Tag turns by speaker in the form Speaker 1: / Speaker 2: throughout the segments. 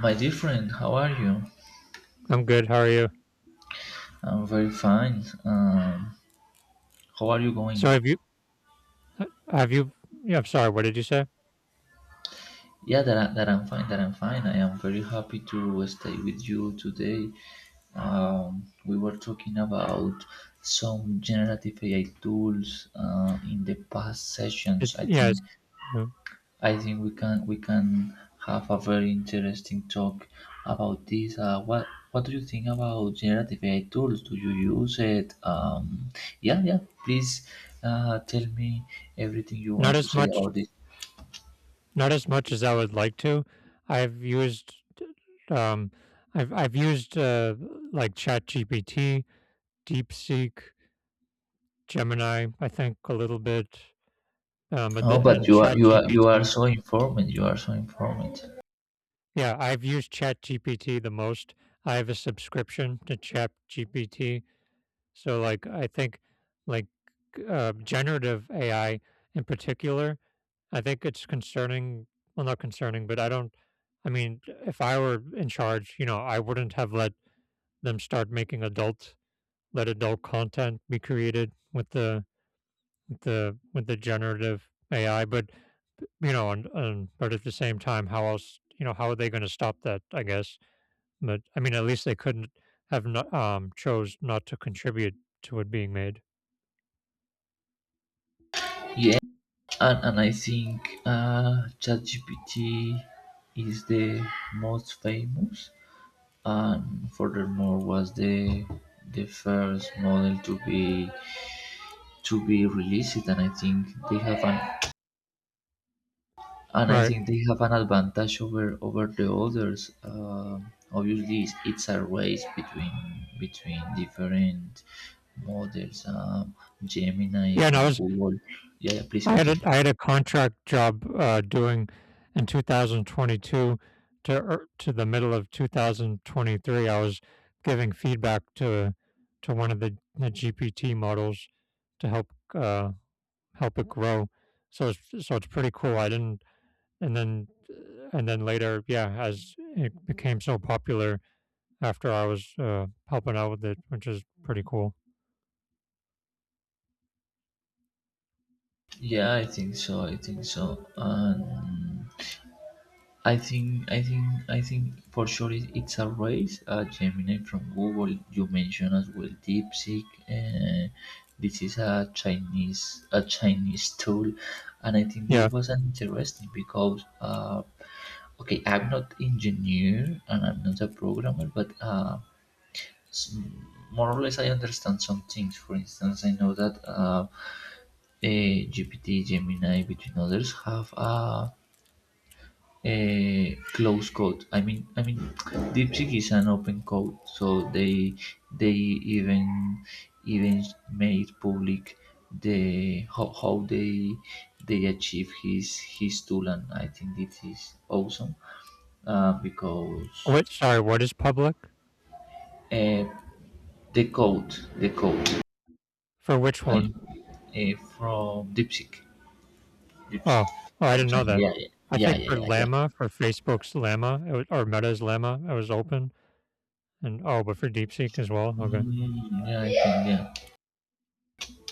Speaker 1: My dear friend, how are you?
Speaker 2: I'm good. How are you?
Speaker 1: I'm very fine. How are you going?
Speaker 2: So have you uh, have you yeah, I'm sorry, what did you say?
Speaker 1: Yeah, that, that I'm fine, that I'm fine. I am very happy to stay with you today. We were talking about some generative AI tools in the past
Speaker 2: It,
Speaker 1: sessions, I
Speaker 2: yeah,
Speaker 1: think.
Speaker 2: it's, uh,
Speaker 1: I think we can have a very interesting talk about this. What do you think about generative AI tools? Do you use it? Yeah, yeah. Please tell me everything you
Speaker 2: Not
Speaker 1: want to
Speaker 2: as
Speaker 1: say
Speaker 2: much,
Speaker 1: about this.
Speaker 2: not as much as I would like to. I've used um I've used like ChatGPT, DeepSeek, Gemini, I think a little bit. But
Speaker 1: Oh,
Speaker 2: the,
Speaker 1: but
Speaker 2: and
Speaker 1: you are
Speaker 2: ChatGPT.
Speaker 1: so informed. You are so informed.
Speaker 2: Yeah, I've used ChatGPT the most. I have a subscription to ChatGPT. So, I think, like, generative AI in particular, I think it's concerning. Well, not concerning, but I don't. I mean, if I were in charge, I wouldn't have let them start making adult, let adult content be created with the generative AI. But you know, and but at the same time, how else? You know, how are they going to stop that? I guess. But I mean, at least they couldn't have not chose not to contribute to it being made.
Speaker 1: Yeah, and I think ChatGPT is the most famous, and furthermore was the first model to be released, and I think they have an
Speaker 2: Right.
Speaker 1: advantage over the others. Obviously, it's a race between different models. Gemini
Speaker 2: Yeah, and
Speaker 1: from
Speaker 2: I was.
Speaker 1: Google. Yeah, yeah, please continue.
Speaker 2: I had a contract job doing in 2022 to the middle of 2023. I was giving feedback to one of the GPT models to help help it grow. So it's pretty cool. I didn't, and then, and then later, yeah, as it became so popular after I was helping out with it, which is pretty cool.
Speaker 1: Yeah, I think so. I think so. And I think for sure it's a race. Gemini from Google you mentioned as well. DeepSeek. Uh, this is a Chinese tool, and I think this
Speaker 2: Yeah.
Speaker 1: was interesting because okay, I'm not engineer and I'm not a programmer, but s- more or less I understand some things. For instance, I know that GPT, Gemini, between others, have a closed code. I mean, DeepSeek is an open code, so they even even made public the how they achieve his tool, and I think this is awesome, because
Speaker 2: What? Sorry. What is public
Speaker 1: uh, the code
Speaker 2: for which
Speaker 1: I
Speaker 2: one?
Speaker 1: from DeepSeek
Speaker 2: Oh,
Speaker 1: DeepSeek
Speaker 2: oh, I
Speaker 1: from
Speaker 2: didn't
Speaker 1: China.
Speaker 2: know that.
Speaker 1: Yeah, yeah,
Speaker 2: I
Speaker 1: yeah,
Speaker 2: think
Speaker 1: yeah,
Speaker 2: for
Speaker 1: yeah. Yeah.
Speaker 2: Llama, for Facebook's Llama, it was, or Meta's Llama, it was open. And oh, but for DeepSeek as well. Okay.
Speaker 1: Yeah, I think. Yeah,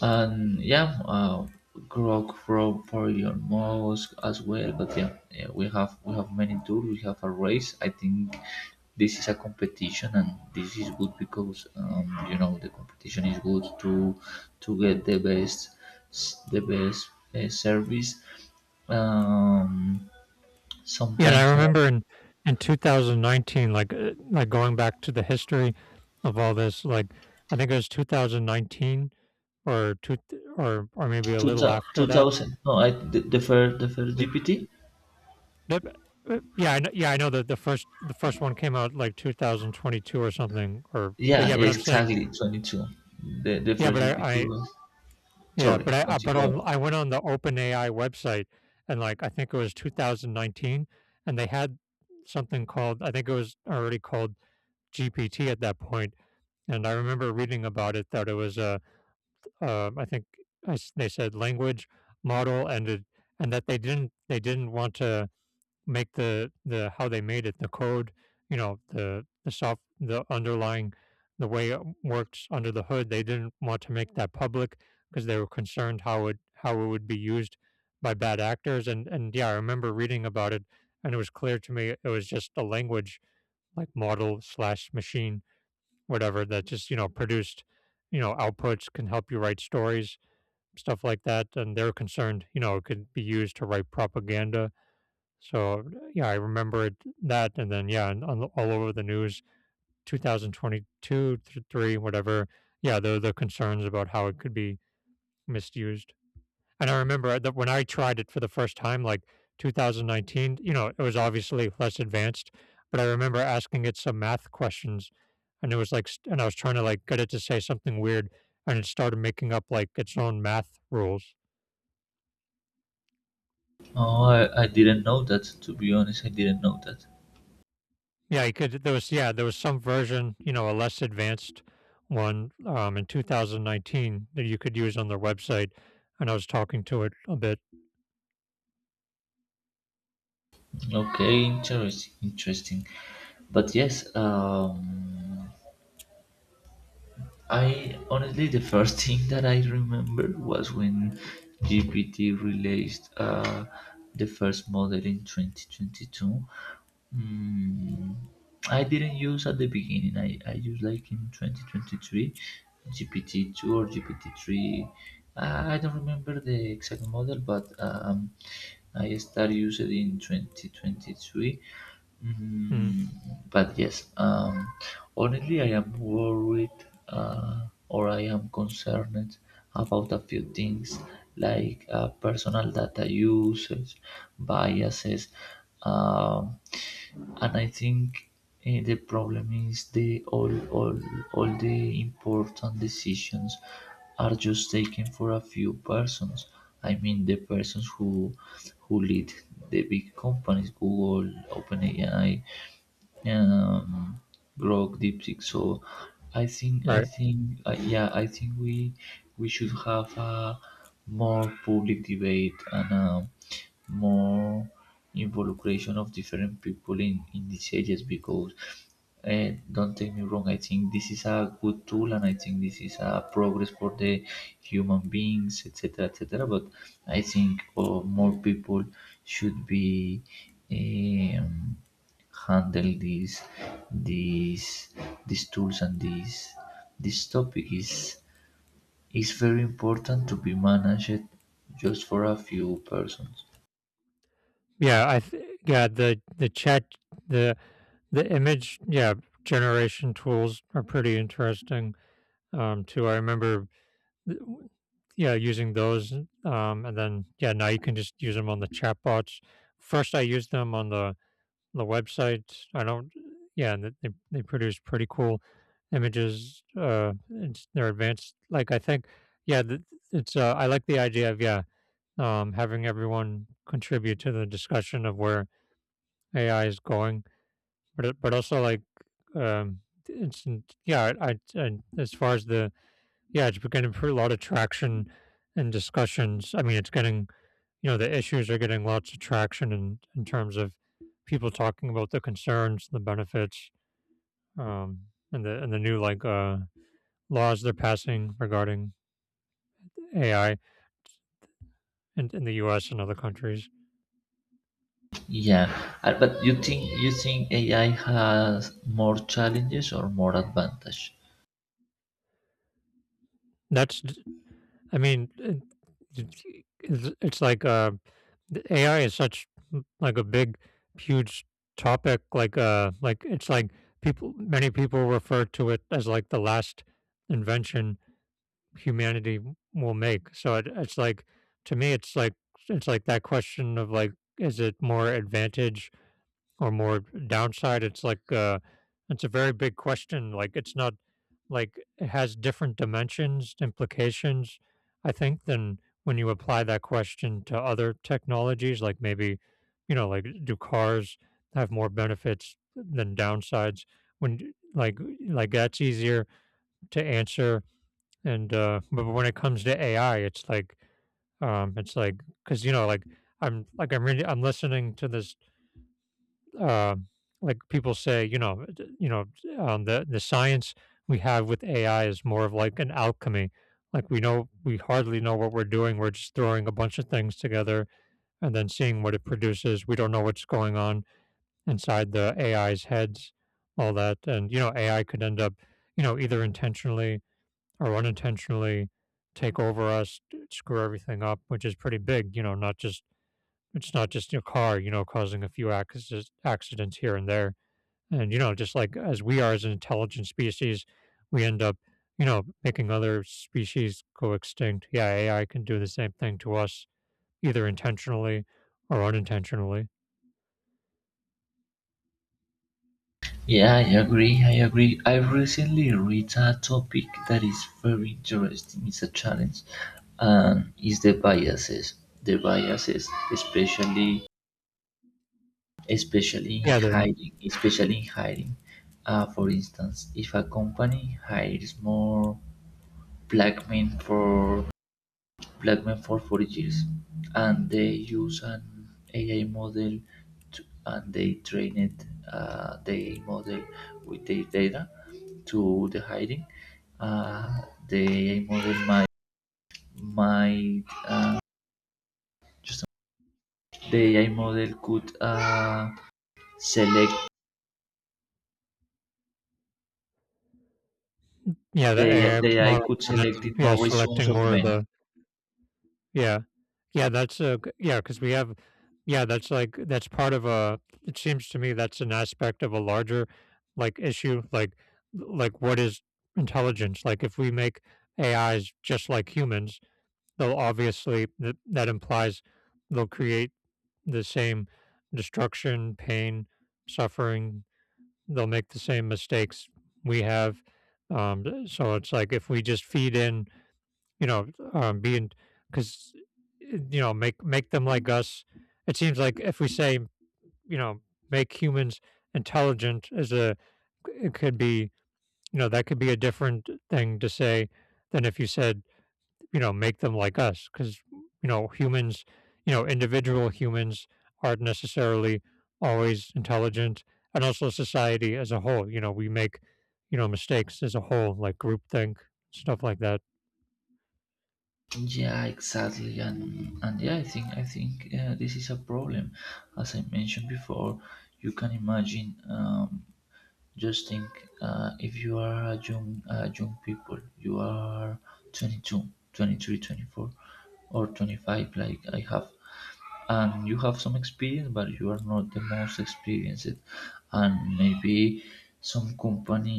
Speaker 1: and yeah, Grok Pro for your mosque as well. But yeah, yeah, we have many tools. We have a race. I think this is a competition, and this is good because, you know, the competition is good to get the best, the best service. Um,
Speaker 2: Yeah, and I
Speaker 1: sometimes I have
Speaker 2: remember in 2019, like going back to the history of all this, like I think it was 2019 or two th- or maybe a
Speaker 1: two
Speaker 2: little after that.
Speaker 1: thousand. No, I the first GPT.
Speaker 2: Yeah, I know, yeah, I know that the first one came out like 2022 or something, or but
Speaker 1: Yeah,
Speaker 2: yeah, but I'm saying
Speaker 1: exactly 22. The
Speaker 2: yeah,
Speaker 1: first
Speaker 2: but
Speaker 1: GPT
Speaker 2: I
Speaker 1: was. Sorry, continue.
Speaker 2: I went on the OpenAI website and like I think it was 2019, and they had something called, I think it was already called GPT at that point, and I remember reading about it that it was a I think they said language model and it, and that they didn't want to make the how they made it, the code, you know, the soft the underlying the way it works under the hood. They didn't want to make that public because they were concerned how it would be used by bad actors. And yeah, I remember reading about it, and it was clear to me it was just a language like model slash machine, whatever, that just you know produced you know outputs, can help you write stories, stuff like that, and they're concerned you know it could be used to write propaganda. So, yeah, I remembered that, and then, yeah, and on the all over the news, 2022 thr 3, whatever, yeah, there the concerns about how it could be misused, and I remember that when I tried it for the first time, like 2019, you know, it was obviously less advanced, but I remember asking it some math questions, and it was like st and I was trying to, like, get it to say something weird, and it started making up, like, its own math rules.
Speaker 1: Oh, I didn't know that. To be honest, I didn't know that.
Speaker 2: Yeah, you could. There was yeah, there was some version, you know, a less advanced one in 2019 that you could use on their website, and I was talking to it a bit.
Speaker 1: Okay, interesting, interesting. But yes, I honestly, the first thing that I remember was when GPT released the first model in 2022. Mm, I didn't use at the beginning. I used like in 2023, GPT-2 or GPT-3. I don't remember the exact model, but I started using it in 2023.
Speaker 2: Mm,
Speaker 1: Mm, but yes, honestly, I am worried, or I am concerned about a few things like personal data usage, biases, um, and I think the problem is the all the important decisions are just taken for a few persons. I mean the persons who lead the big companies: Google, OpenAI, um, Grok, DeepSeek. So I think,
Speaker 2: right.
Speaker 1: yeah, I think we should have a more public debate and a more involucration of different people in these areas, because, and don't take me wrong, I think this is a good tool and I think this is a progress for the human beings, etc. etc. But I think more people should be, um, handle these these tools, and this. This topic is very important to be managed just for a few persons.
Speaker 2: Yeah, I th- yeah the chat the the image yeah generation tools are pretty interesting too. I remember th- yeah using those and then yeah now you can just use them on the chatbots. First, I used them on the website, I don't yeah, and they produce pretty cool images. It's they're advanced, like, I think yeah, th it's, I like the idea of, yeah, having everyone contribute to the discussion of where AI is going, but it but also, like, um, it's yeah, I and as far as the yeah, it's getting a lot of traction in discussions, I mean, it's getting you know the issues are getting lots of traction in terms of people talking about the concerns, the benefits, um, and the new like laws they're passing regarding AI in the U.S. and other countries.
Speaker 1: Yeah, but you think AI has more challenges or more advantage?
Speaker 2: That's I mean it- it's it's like the AI is such like a big huge topic like it's like people, many people refer to it as like the last invention humanity will make. So it, it's like to me, it's like that question of like, is it more advantage or more downside? It's like it's a very big question. Like it's not like it has different dimensions, implications. I think than when you apply that question to other technologies, like maybe you know, like do cars have more benefits than downsides? When like that's easier to answer, and but when it comes to AI, it's like because you know, like I'm really I'm listening to this uh, like people say, you know, you know, the science we have with AI is more of like an alchemy. Like we know we hardly know what we're doing. We're just throwing a bunch of things together and then seeing what it produces. We don't know what's going on inside the AI's heads, all that, and you know, AI could end up, you know, either intentionally or unintentionally take over us, screw everything up, which is pretty big, you know, not just it's not just your car, you know, causing a few accidents here and there. And you know, just like as we are as an intelligent species, we end up, you know, making other species go extinct. Yeah, AI can do the same thing to us either intentionally or unintentionally.
Speaker 1: Yeah, I agree. I agree. I recently read a topic that is very interesting. It's a challenge, and is the biases. The biases, especially, especially in
Speaker 2: Yeah, the
Speaker 1: hiring, especially in hiring. For instance, if a company hires more black men for Blackman for 40 years, and they use an AI model, and they train it, the AI model, with the data to the hiding. Uh, the AI model might just, the AI model could uh, select
Speaker 2: yeah, the
Speaker 1: the
Speaker 2: AI
Speaker 1: the AI
Speaker 2: model
Speaker 1: could
Speaker 2: kind of
Speaker 1: select it
Speaker 2: yeah,
Speaker 1: more resumes
Speaker 2: selecting
Speaker 1: of
Speaker 2: more of
Speaker 1: men.
Speaker 2: the yeah. Yeah, that's a g yeah because we have yeah, that's, like that's part of a it seems to me that's an aspect of a larger, like, issue, like, what is intelligence? Like, if we make AIs just like humans, so obviously, that implies they'll create the same destruction, pain, suffering. They'll make the same mistakes we have. Um, so it's like if we just feed in, you know, being because you know make make them like us. It seems like if we say you know make humans intelligent as a it could be you know that could be a different thing to say than if you said you know, make them like us because, you know, humans, you know, individual humans aren't necessarily always intelligent. And also society as a whole, you know, we make, you know, mistakes as a whole, like groupthink, stuff like that.
Speaker 1: Yeah, exactly, and yeah, I think, this is a problem. As I mentioned before, you can imagine. Just think, if you are a young, people, you are 22, 23, 24, or 25, like I have, and you have some experience, but you are not the most experienced, and maybe some company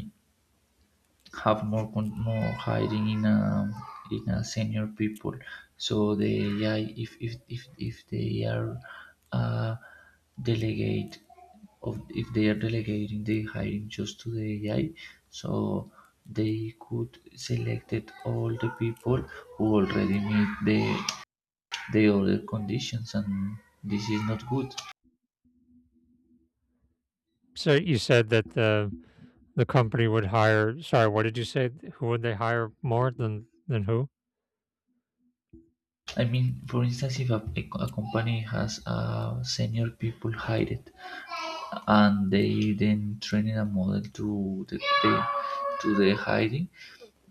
Speaker 1: have more hiring in, a senior people. So the AI, if they are uh, delegate of if they are delegating the hiring just to the AI, so they could selected all the people who already meet the other conditions, and this is not good.
Speaker 2: So you said that the company would hire, sorry, what did you say? Who would they hire more than who?
Speaker 1: I mean, for instance, if a company has senior people hired and they then training a model to, the to the hiring.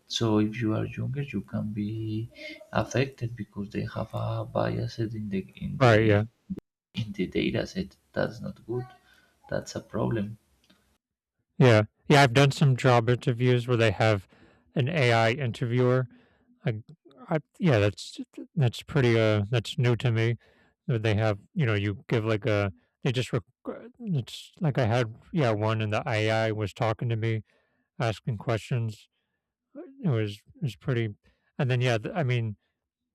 Speaker 1: So if you are younger, you can be affected because they have a bias
Speaker 2: Right, yeah.
Speaker 1: in the data set. That's not good. That's a problem.
Speaker 2: Yeah. Yeah, I've done some job interviews where they have an AI interviewer. I I yeah, that's pretty, that's new to me that they have you know, you give, like, a they just req it's like I had yeah, one and the AI was talking to me, asking questions. Uh, It was it was pretty and then, yeah, I mean,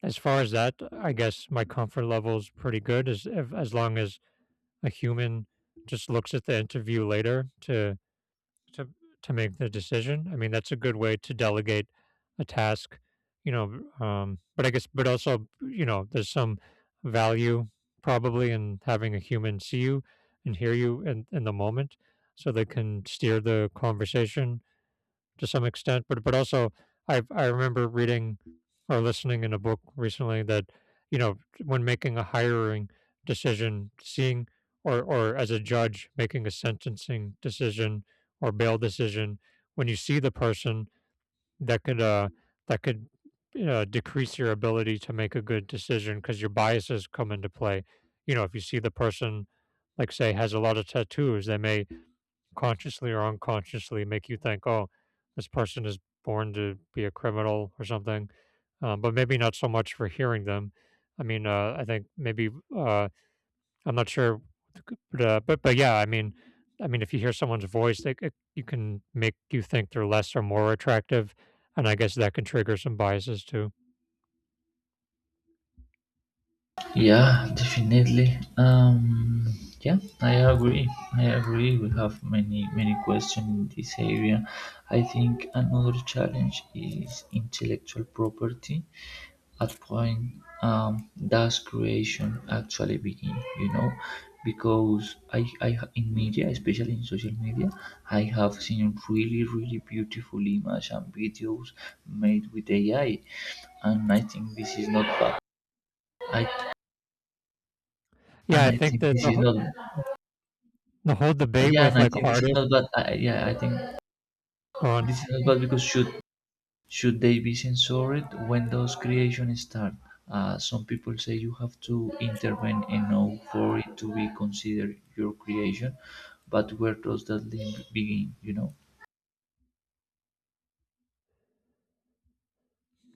Speaker 2: as far as that, I guess my comfort level is pretty good as if as long as a human just looks at the interview later to to to make the decision. I mean, that's a good way to delegate a task, you know, but I guess but also, you know, there's some value probably in having a human see you and hear you in the moment so they can steer the conversation to some extent, but also I remember reading or listening in a book recently that you know when making a hiring decision, seeing or as a judge making a sentencing decision or bail decision, when you see the person that could uh that could decrease your ability to make a good decision because your biases come into play. You know, if you see the person, like say, has a lot of tattoos, they may consciously or unconsciously make you think, oh, this person is born to be a criminal or something, but maybe not so much for hearing them. I think maybe uh, I'm not sure, but if you hear someone's voice, you can make you think they're less or more attractive, and I guess that can trigger some biases too.
Speaker 1: Yeah, definitely. Yeah, I agree. I agree. We have many many questions in this area. I think another challenge is intellectual property. At point, does creation actually begin? You know, because I in media, especially in social media, I have seen really really beautiful images and videos made with AI, and I think this is not bad. I
Speaker 2: Yeah,
Speaker 1: and
Speaker 2: I
Speaker 1: I
Speaker 2: think
Speaker 1: think
Speaker 2: that
Speaker 1: this is not
Speaker 2: the whole debate
Speaker 1: yeah, and
Speaker 2: with
Speaker 1: I
Speaker 2: like
Speaker 1: think this is
Speaker 2: artists
Speaker 1: not bad. I think
Speaker 2: go on.
Speaker 1: this is not bad because, should they be censored when those creations start? Some people say you have to intervene enough for it to be considered your creation, but where does that link begin? You know?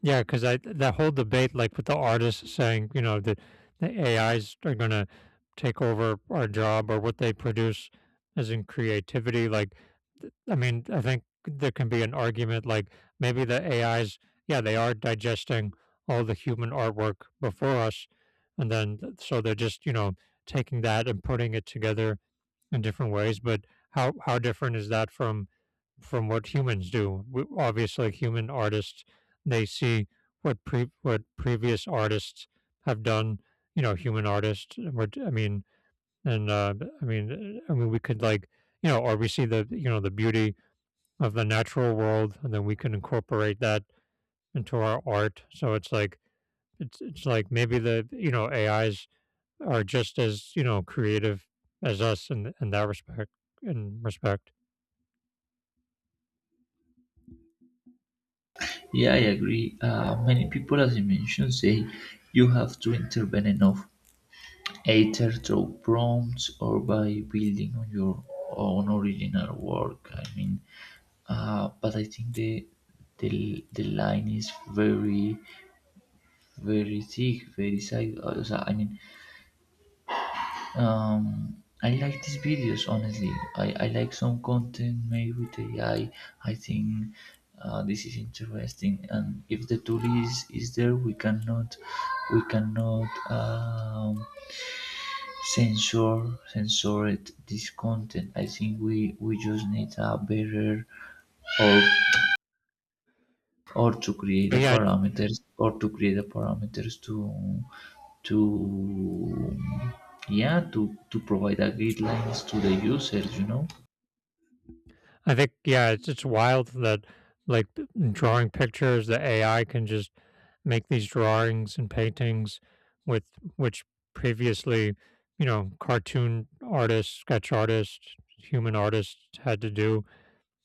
Speaker 2: Yeah, because I that whole debate, like with the artists saying, you know, that the AIs are gonna take over our job or what they produce, as in creativity. Like, I think there can be an argument like maybe the AIs, yeah, they are digesting all the human artwork before us, and then so they're just you know taking that and putting it together in different ways. But how different is that from what humans do. Obviously, human artists they see what previous artists have done. You know, human artists. What I mean, and I mean, we could like you know, or we see the you know the beauty of the natural world, and then we can incorporate that into our art. So it's like maybe the you know AIs are just as, you know, creative as us in that respect in respect.
Speaker 1: Yeah, I agree. Many people, as I mentioned, say you have to intervene enough, either through prompts or by building on your own original work. I mean, but I think the line is very very sick, very sick. Also, I mean, I like these videos, honestly. I like some content made with AI. I think this is interesting, and if the tool is there, we cannot, we cannot um, censor it, this content. I think we just need a better, or to create a
Speaker 2: But yeah,
Speaker 1: parameters, to to provide a guidelines to the users.
Speaker 2: it's wild that like drawing pictures, the AI can just make these drawings and paintings with which previously, you know, cartoon artists, sketch artists, human artists had to do.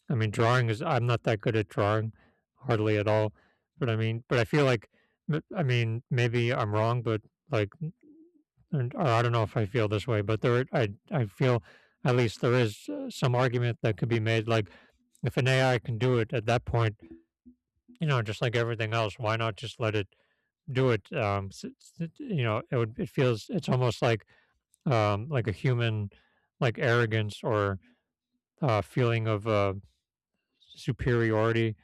Speaker 2: I mean, drawing is I'm not that good at drawing, hardly at all. But I feel like, maybe I'm wrong, but like, or I don't know if I feel this way, but I feel at least there is some argument that could be made. Like, if an AI can do it at that point, you know, just like everything else, why not just let it do it? You know, it would, it feels, it's almost like a human, like arrogance or feeling of superiority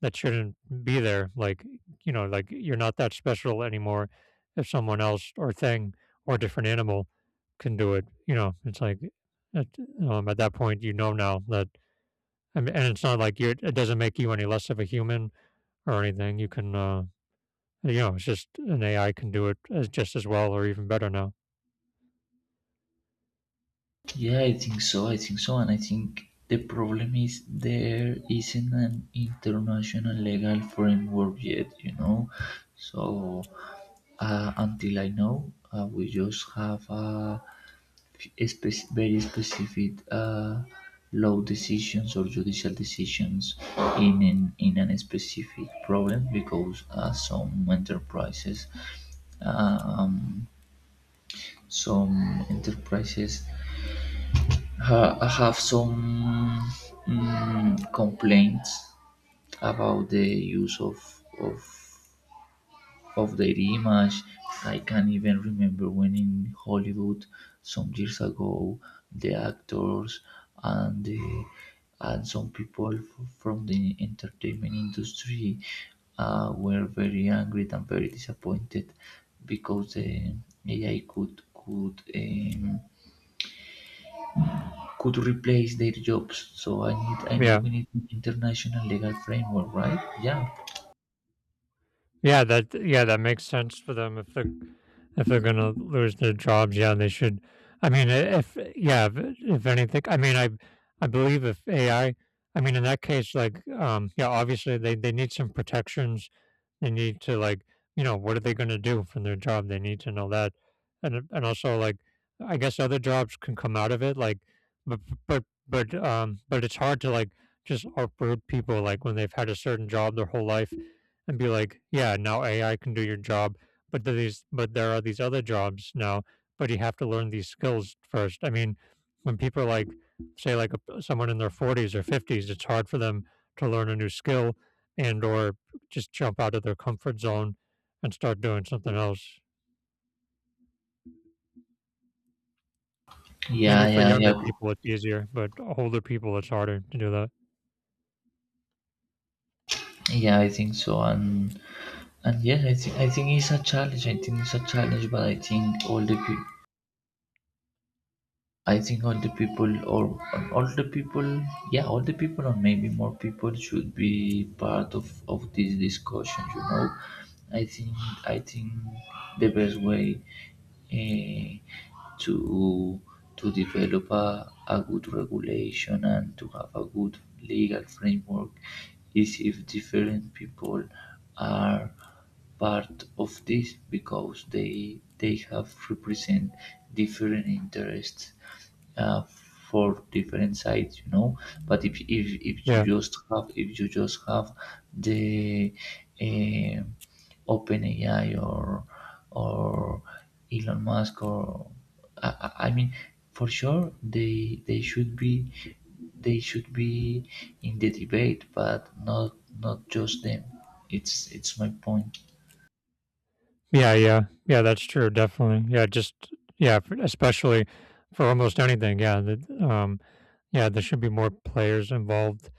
Speaker 2: that shouldn't be there. Like, you know, like you're not that special anymore if someone else or thing or different animal can do it. You know, it's like at, at that point, you know now that, I mean, and it's not like it doesn't make you any less of a human or anything. You can, you know, it's just an AI can do it as just as well or even better now.
Speaker 1: Yeah, I think so. I think so, and I think the problem is there isn't an international legal framework yet. So until I know, we just have a, very specific law decisions or judicial decisions in a specific problem, because um, some enterprises have some, complaints about the use of their image. I can even remember when in Hollywood some years ago, the actors, and the, and some people from the entertainment industry were very angry and very disappointed because the AI, could replace their jobs. So, I need
Speaker 2: Yeah.
Speaker 1: we need an international legal framework, right? yeah,
Speaker 2: Yeah, that makes sense for them if they're gonna lose their jobs. Yeah, they should. I mean, I- if yeah, if anything, I believe if AI, in that case, like yeah, obviously they need some protections. They need to like you know what are they gonna do from their job? They need to know that, and also like I guess other jobs can come out of it. Like, but but it's hard to like just uproot people like when they've had a certain job their whole life and be like, yeah, now AI can do your job, but there are these other jobs now, but you have to learn these skills first. I mean, when people are like say like someone in their 40s or 50s, it's hard for them to learn a new skill and or just jump out of their comfort zone and start doing something else.
Speaker 1: yeah,
Speaker 2: Maybe for
Speaker 1: yeah,
Speaker 2: younger
Speaker 1: yeah.
Speaker 2: people it's easier, but older people it's harder to do that.
Speaker 1: Yeah. I think so. And yes, I think, it's a challenge. I think it's a challenge, but I think all the people, or all the people, yeah, all the people, or maybe more people should be part of this discussion. You know, I think, I think the best way, eh, to develop a good regulation and to have a good legal framework, is if different people are part of this because they have represent different interests, uh, for different sides. But if you
Speaker 2: Yeah.
Speaker 1: just have, the, um OpenAI, or or Elon Musk, or, I mean, for sure they should be in the debate, but not just them. It's my point.
Speaker 2: Yeah, yeah. Yeah, that's true, definitely. Yeah, for especially for almost anything, yeah, there should be more players involved,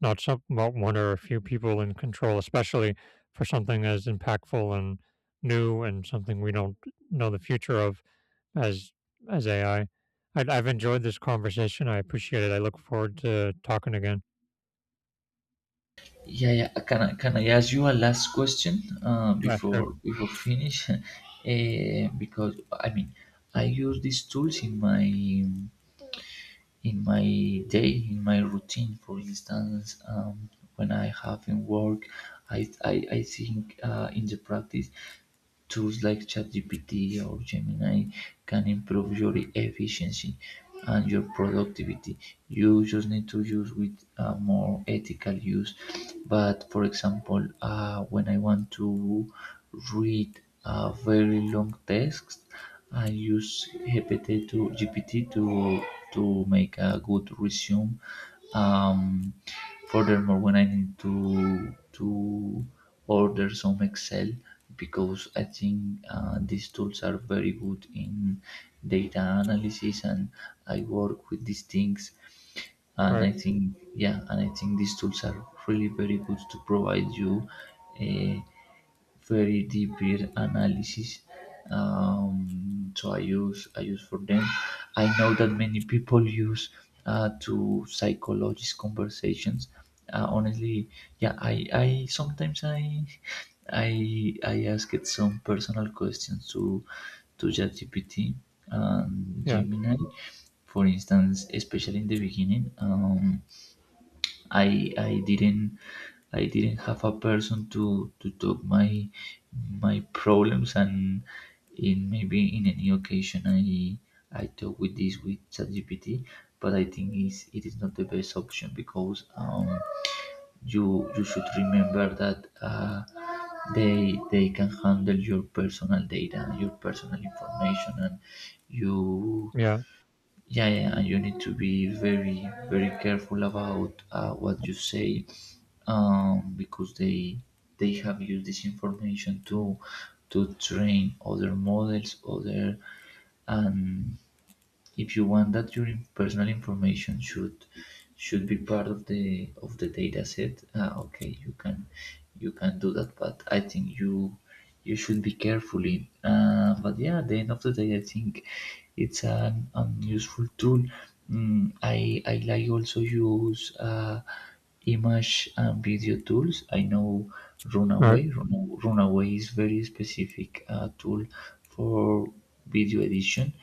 Speaker 2: not one or a few people in control, especially for something as impactful and new and something we don't know the future of as as AI. I have enjoyed this conversation. I appreciate it. I look forward to talking again.
Speaker 1: Yeah, yeah, can I ask you a last question,
Speaker 2: Yeah, sure.
Speaker 1: before finish Because I mean, I use these tools in, my in my day, in my routine. For instance, when I have in work, I think, in the practice, tools like ChatGPT or Gemini can improve your efficiency and your productivity. You just need to use with a more ethical use. But for example, when I want to read a very long text, I use GPT to, GPT to make a good resume. Um, furthermore, when I need to order some Excel, because I think these tools are very good in data analysis, and I work with these things.
Speaker 2: All
Speaker 1: And
Speaker 2: right.
Speaker 1: I think, yeah, and I think these tools are really very good to provide you. Uh, very deep peer analysis. So I use, for them. I know that many people use to psychologist conversations. Honestly, yeah, I sometimes I ask it some personal questions to ChatGPT and
Speaker 2: Yeah,
Speaker 1: Gemini, for instance, especially in the beginning. I I didn't I didn't have a person to talk my my problems and in maybe in any occasion I talk with this with ChatGPT, but I think is it is not the best option because you should remember that they can handle your personal data, your personal information, and you
Speaker 2: yeah.
Speaker 1: yeah, yeah, and you need to be very, very careful about what you say, because they have used this information to train other models, other and if you want that your personal information should be part of the data set ah, okay you can do that but I think you you should be carefully but yeah at the end of the day I think it's an useful tool. Mm, I like also use image and video tools. I know
Speaker 2: All right.
Speaker 1: Runaway. Runaway is very specific tool for video edition.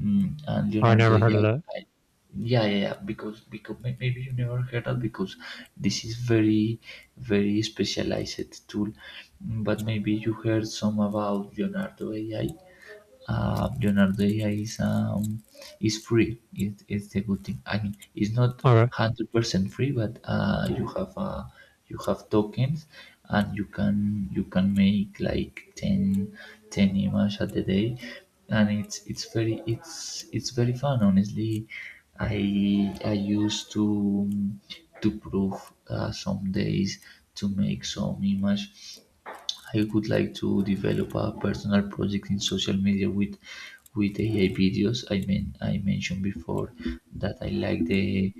Speaker 1: And
Speaker 2: I
Speaker 1: Leonardo,
Speaker 2: never heard
Speaker 1: yeah,
Speaker 2: of that.
Speaker 1: I- yeah, yeah, yeah, because maybe you never heard of because this is very very specialized tool. Mm, but maybe you heard some about Leonardo AI. Leonardo A I is free. It's the good thing. I mean, it's not
Speaker 2: All right.
Speaker 1: 100% free, but you have tokens, and you can make like 10 10 images at the day, and it's very fun. Honestly, I used to prove some days to make some image. I would like to develop a personal project in social media with AI videos. I mean, I mentioned before that I like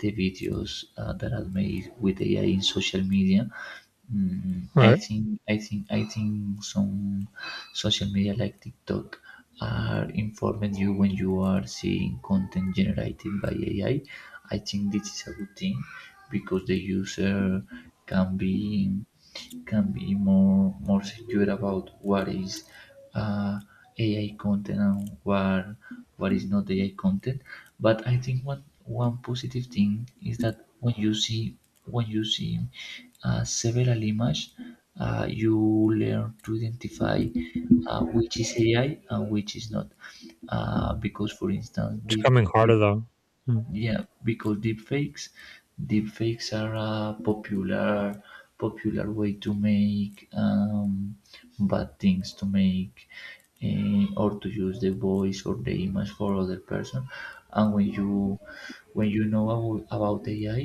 Speaker 1: the videos that are made with AI in social media.
Speaker 2: All
Speaker 1: I
Speaker 2: right.
Speaker 1: think I think I think some social media like TikTok are informing you when you are seeing content generated by AI. I think this is a good thing because the user can be can be more secure about what is uh, AI content and what is not AI content. But I think one positive thing is that when you see when you see several images, you learn to identify which is AI and which is not. Because, for instance,
Speaker 2: It's
Speaker 1: deep,
Speaker 2: coming
Speaker 1: deep
Speaker 2: harder though. Mm.
Speaker 1: yeah, because deepfakes are a popular way to make bad things, to make or to use the voice or the image for other person. And when you know about AI,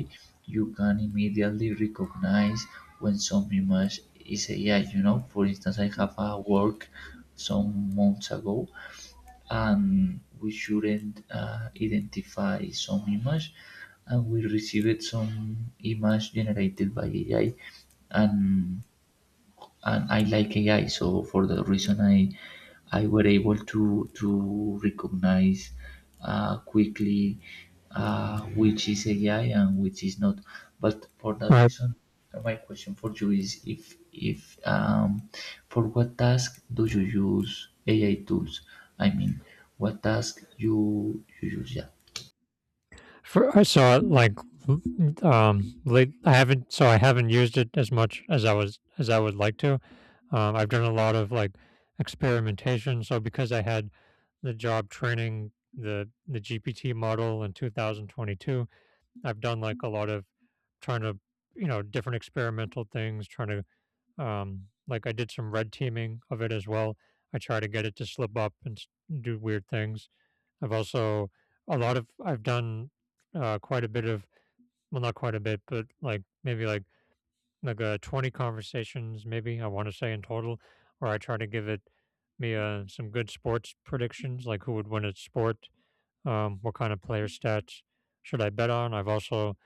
Speaker 1: you can immediately recognize when some image is AI. You know, for instance, I have a work some months ago and we shouldn't identify some image, and we received some image generated by AI and and I like AI. So for that reason, I were able to recognize quickly which is AI and which is not. But for
Speaker 2: All
Speaker 1: that
Speaker 2: right.
Speaker 1: reason, my question for you is if for what task do you use AI tools? I mean, what task you you use? Yeah.
Speaker 2: I saw it like late. I haven't used it as much as I was as I would like to. I've done a lot of like experimentation. So because I had the job training the GPT model in 2022, I've done like a lot of trying to you know different experimental things. Trying to Like I did some red teaming of it as well. I try to get it to slip up and do weird things. I've also I've done quite a bit of well, not quite a bit, but like maybe like 20 conversations, maybe I want to say in total, where I try to give it me some good sports predictions, like who would win at sport, what kind of player stats should I bet on. I've also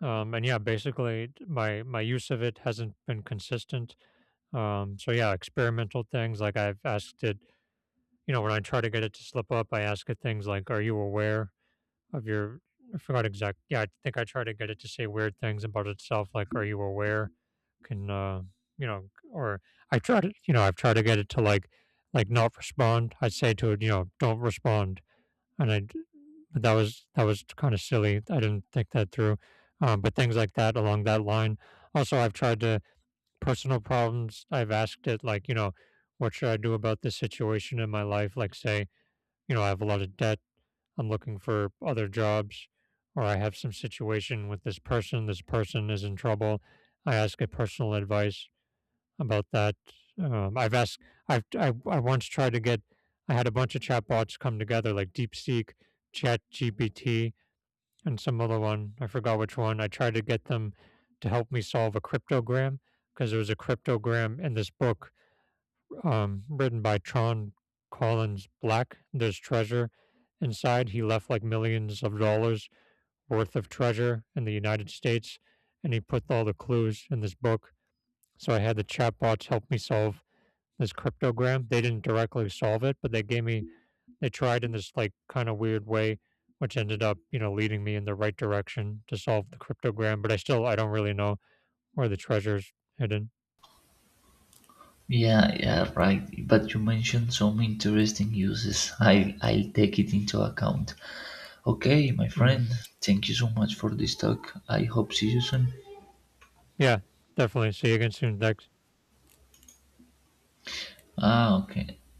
Speaker 2: and yeah, basically my use of it hasn't been consistent. Experimental things like I've asked it. You know, when I try to get it to slip up, I ask it things like, "Are you aware of your" I forgot exact. Yeah, I think I try to get it to say weird things about itself, like "Are you aware?" Can you know? Or I try to, you know, I've tried to get it to like not respond. I'd say to it, you know, don't respond. And I, d- but that was kind of silly. I didn't think that through. But things like that along that line. Also, I've tried to personal problems. I've asked it like, you know, what should I do about this situation in my life? Like, say, you know, I have a lot of debt. I'm looking for other jobs, or I have some situation with this person. This person is in trouble. I ask a personal advice about that. Um, I've asked. I once tried to get. I had a bunch of chatbots come together, like DeepSeek, ChatGPT, and some other one. I forgot which one. I tried to get them to help me solve a cryptogram because there was a cryptogram in this book written by Tron Collins Black. There's treasure inside. He left like millions of dollars worth of treasure in the United States, and he put all the clues in this book. So I had the chatbots help me solve this cryptogram. They didn't directly solve it, but they gave me, they tried in this like kind of weird way, which ended up, you know, leading me in the right direction to solve the cryptogram. I don't really know where the treasure's hidden.
Speaker 1: Yeah, yeah, right. But you mentioned some interesting uses. I'll take it into account. Okay, my
Speaker 2: Mhm.
Speaker 1: friend, thank you so much for this talk. I hope see you soon.
Speaker 2: Yeah, definitely. See you again soon. Thanks.
Speaker 1: Ah, okay.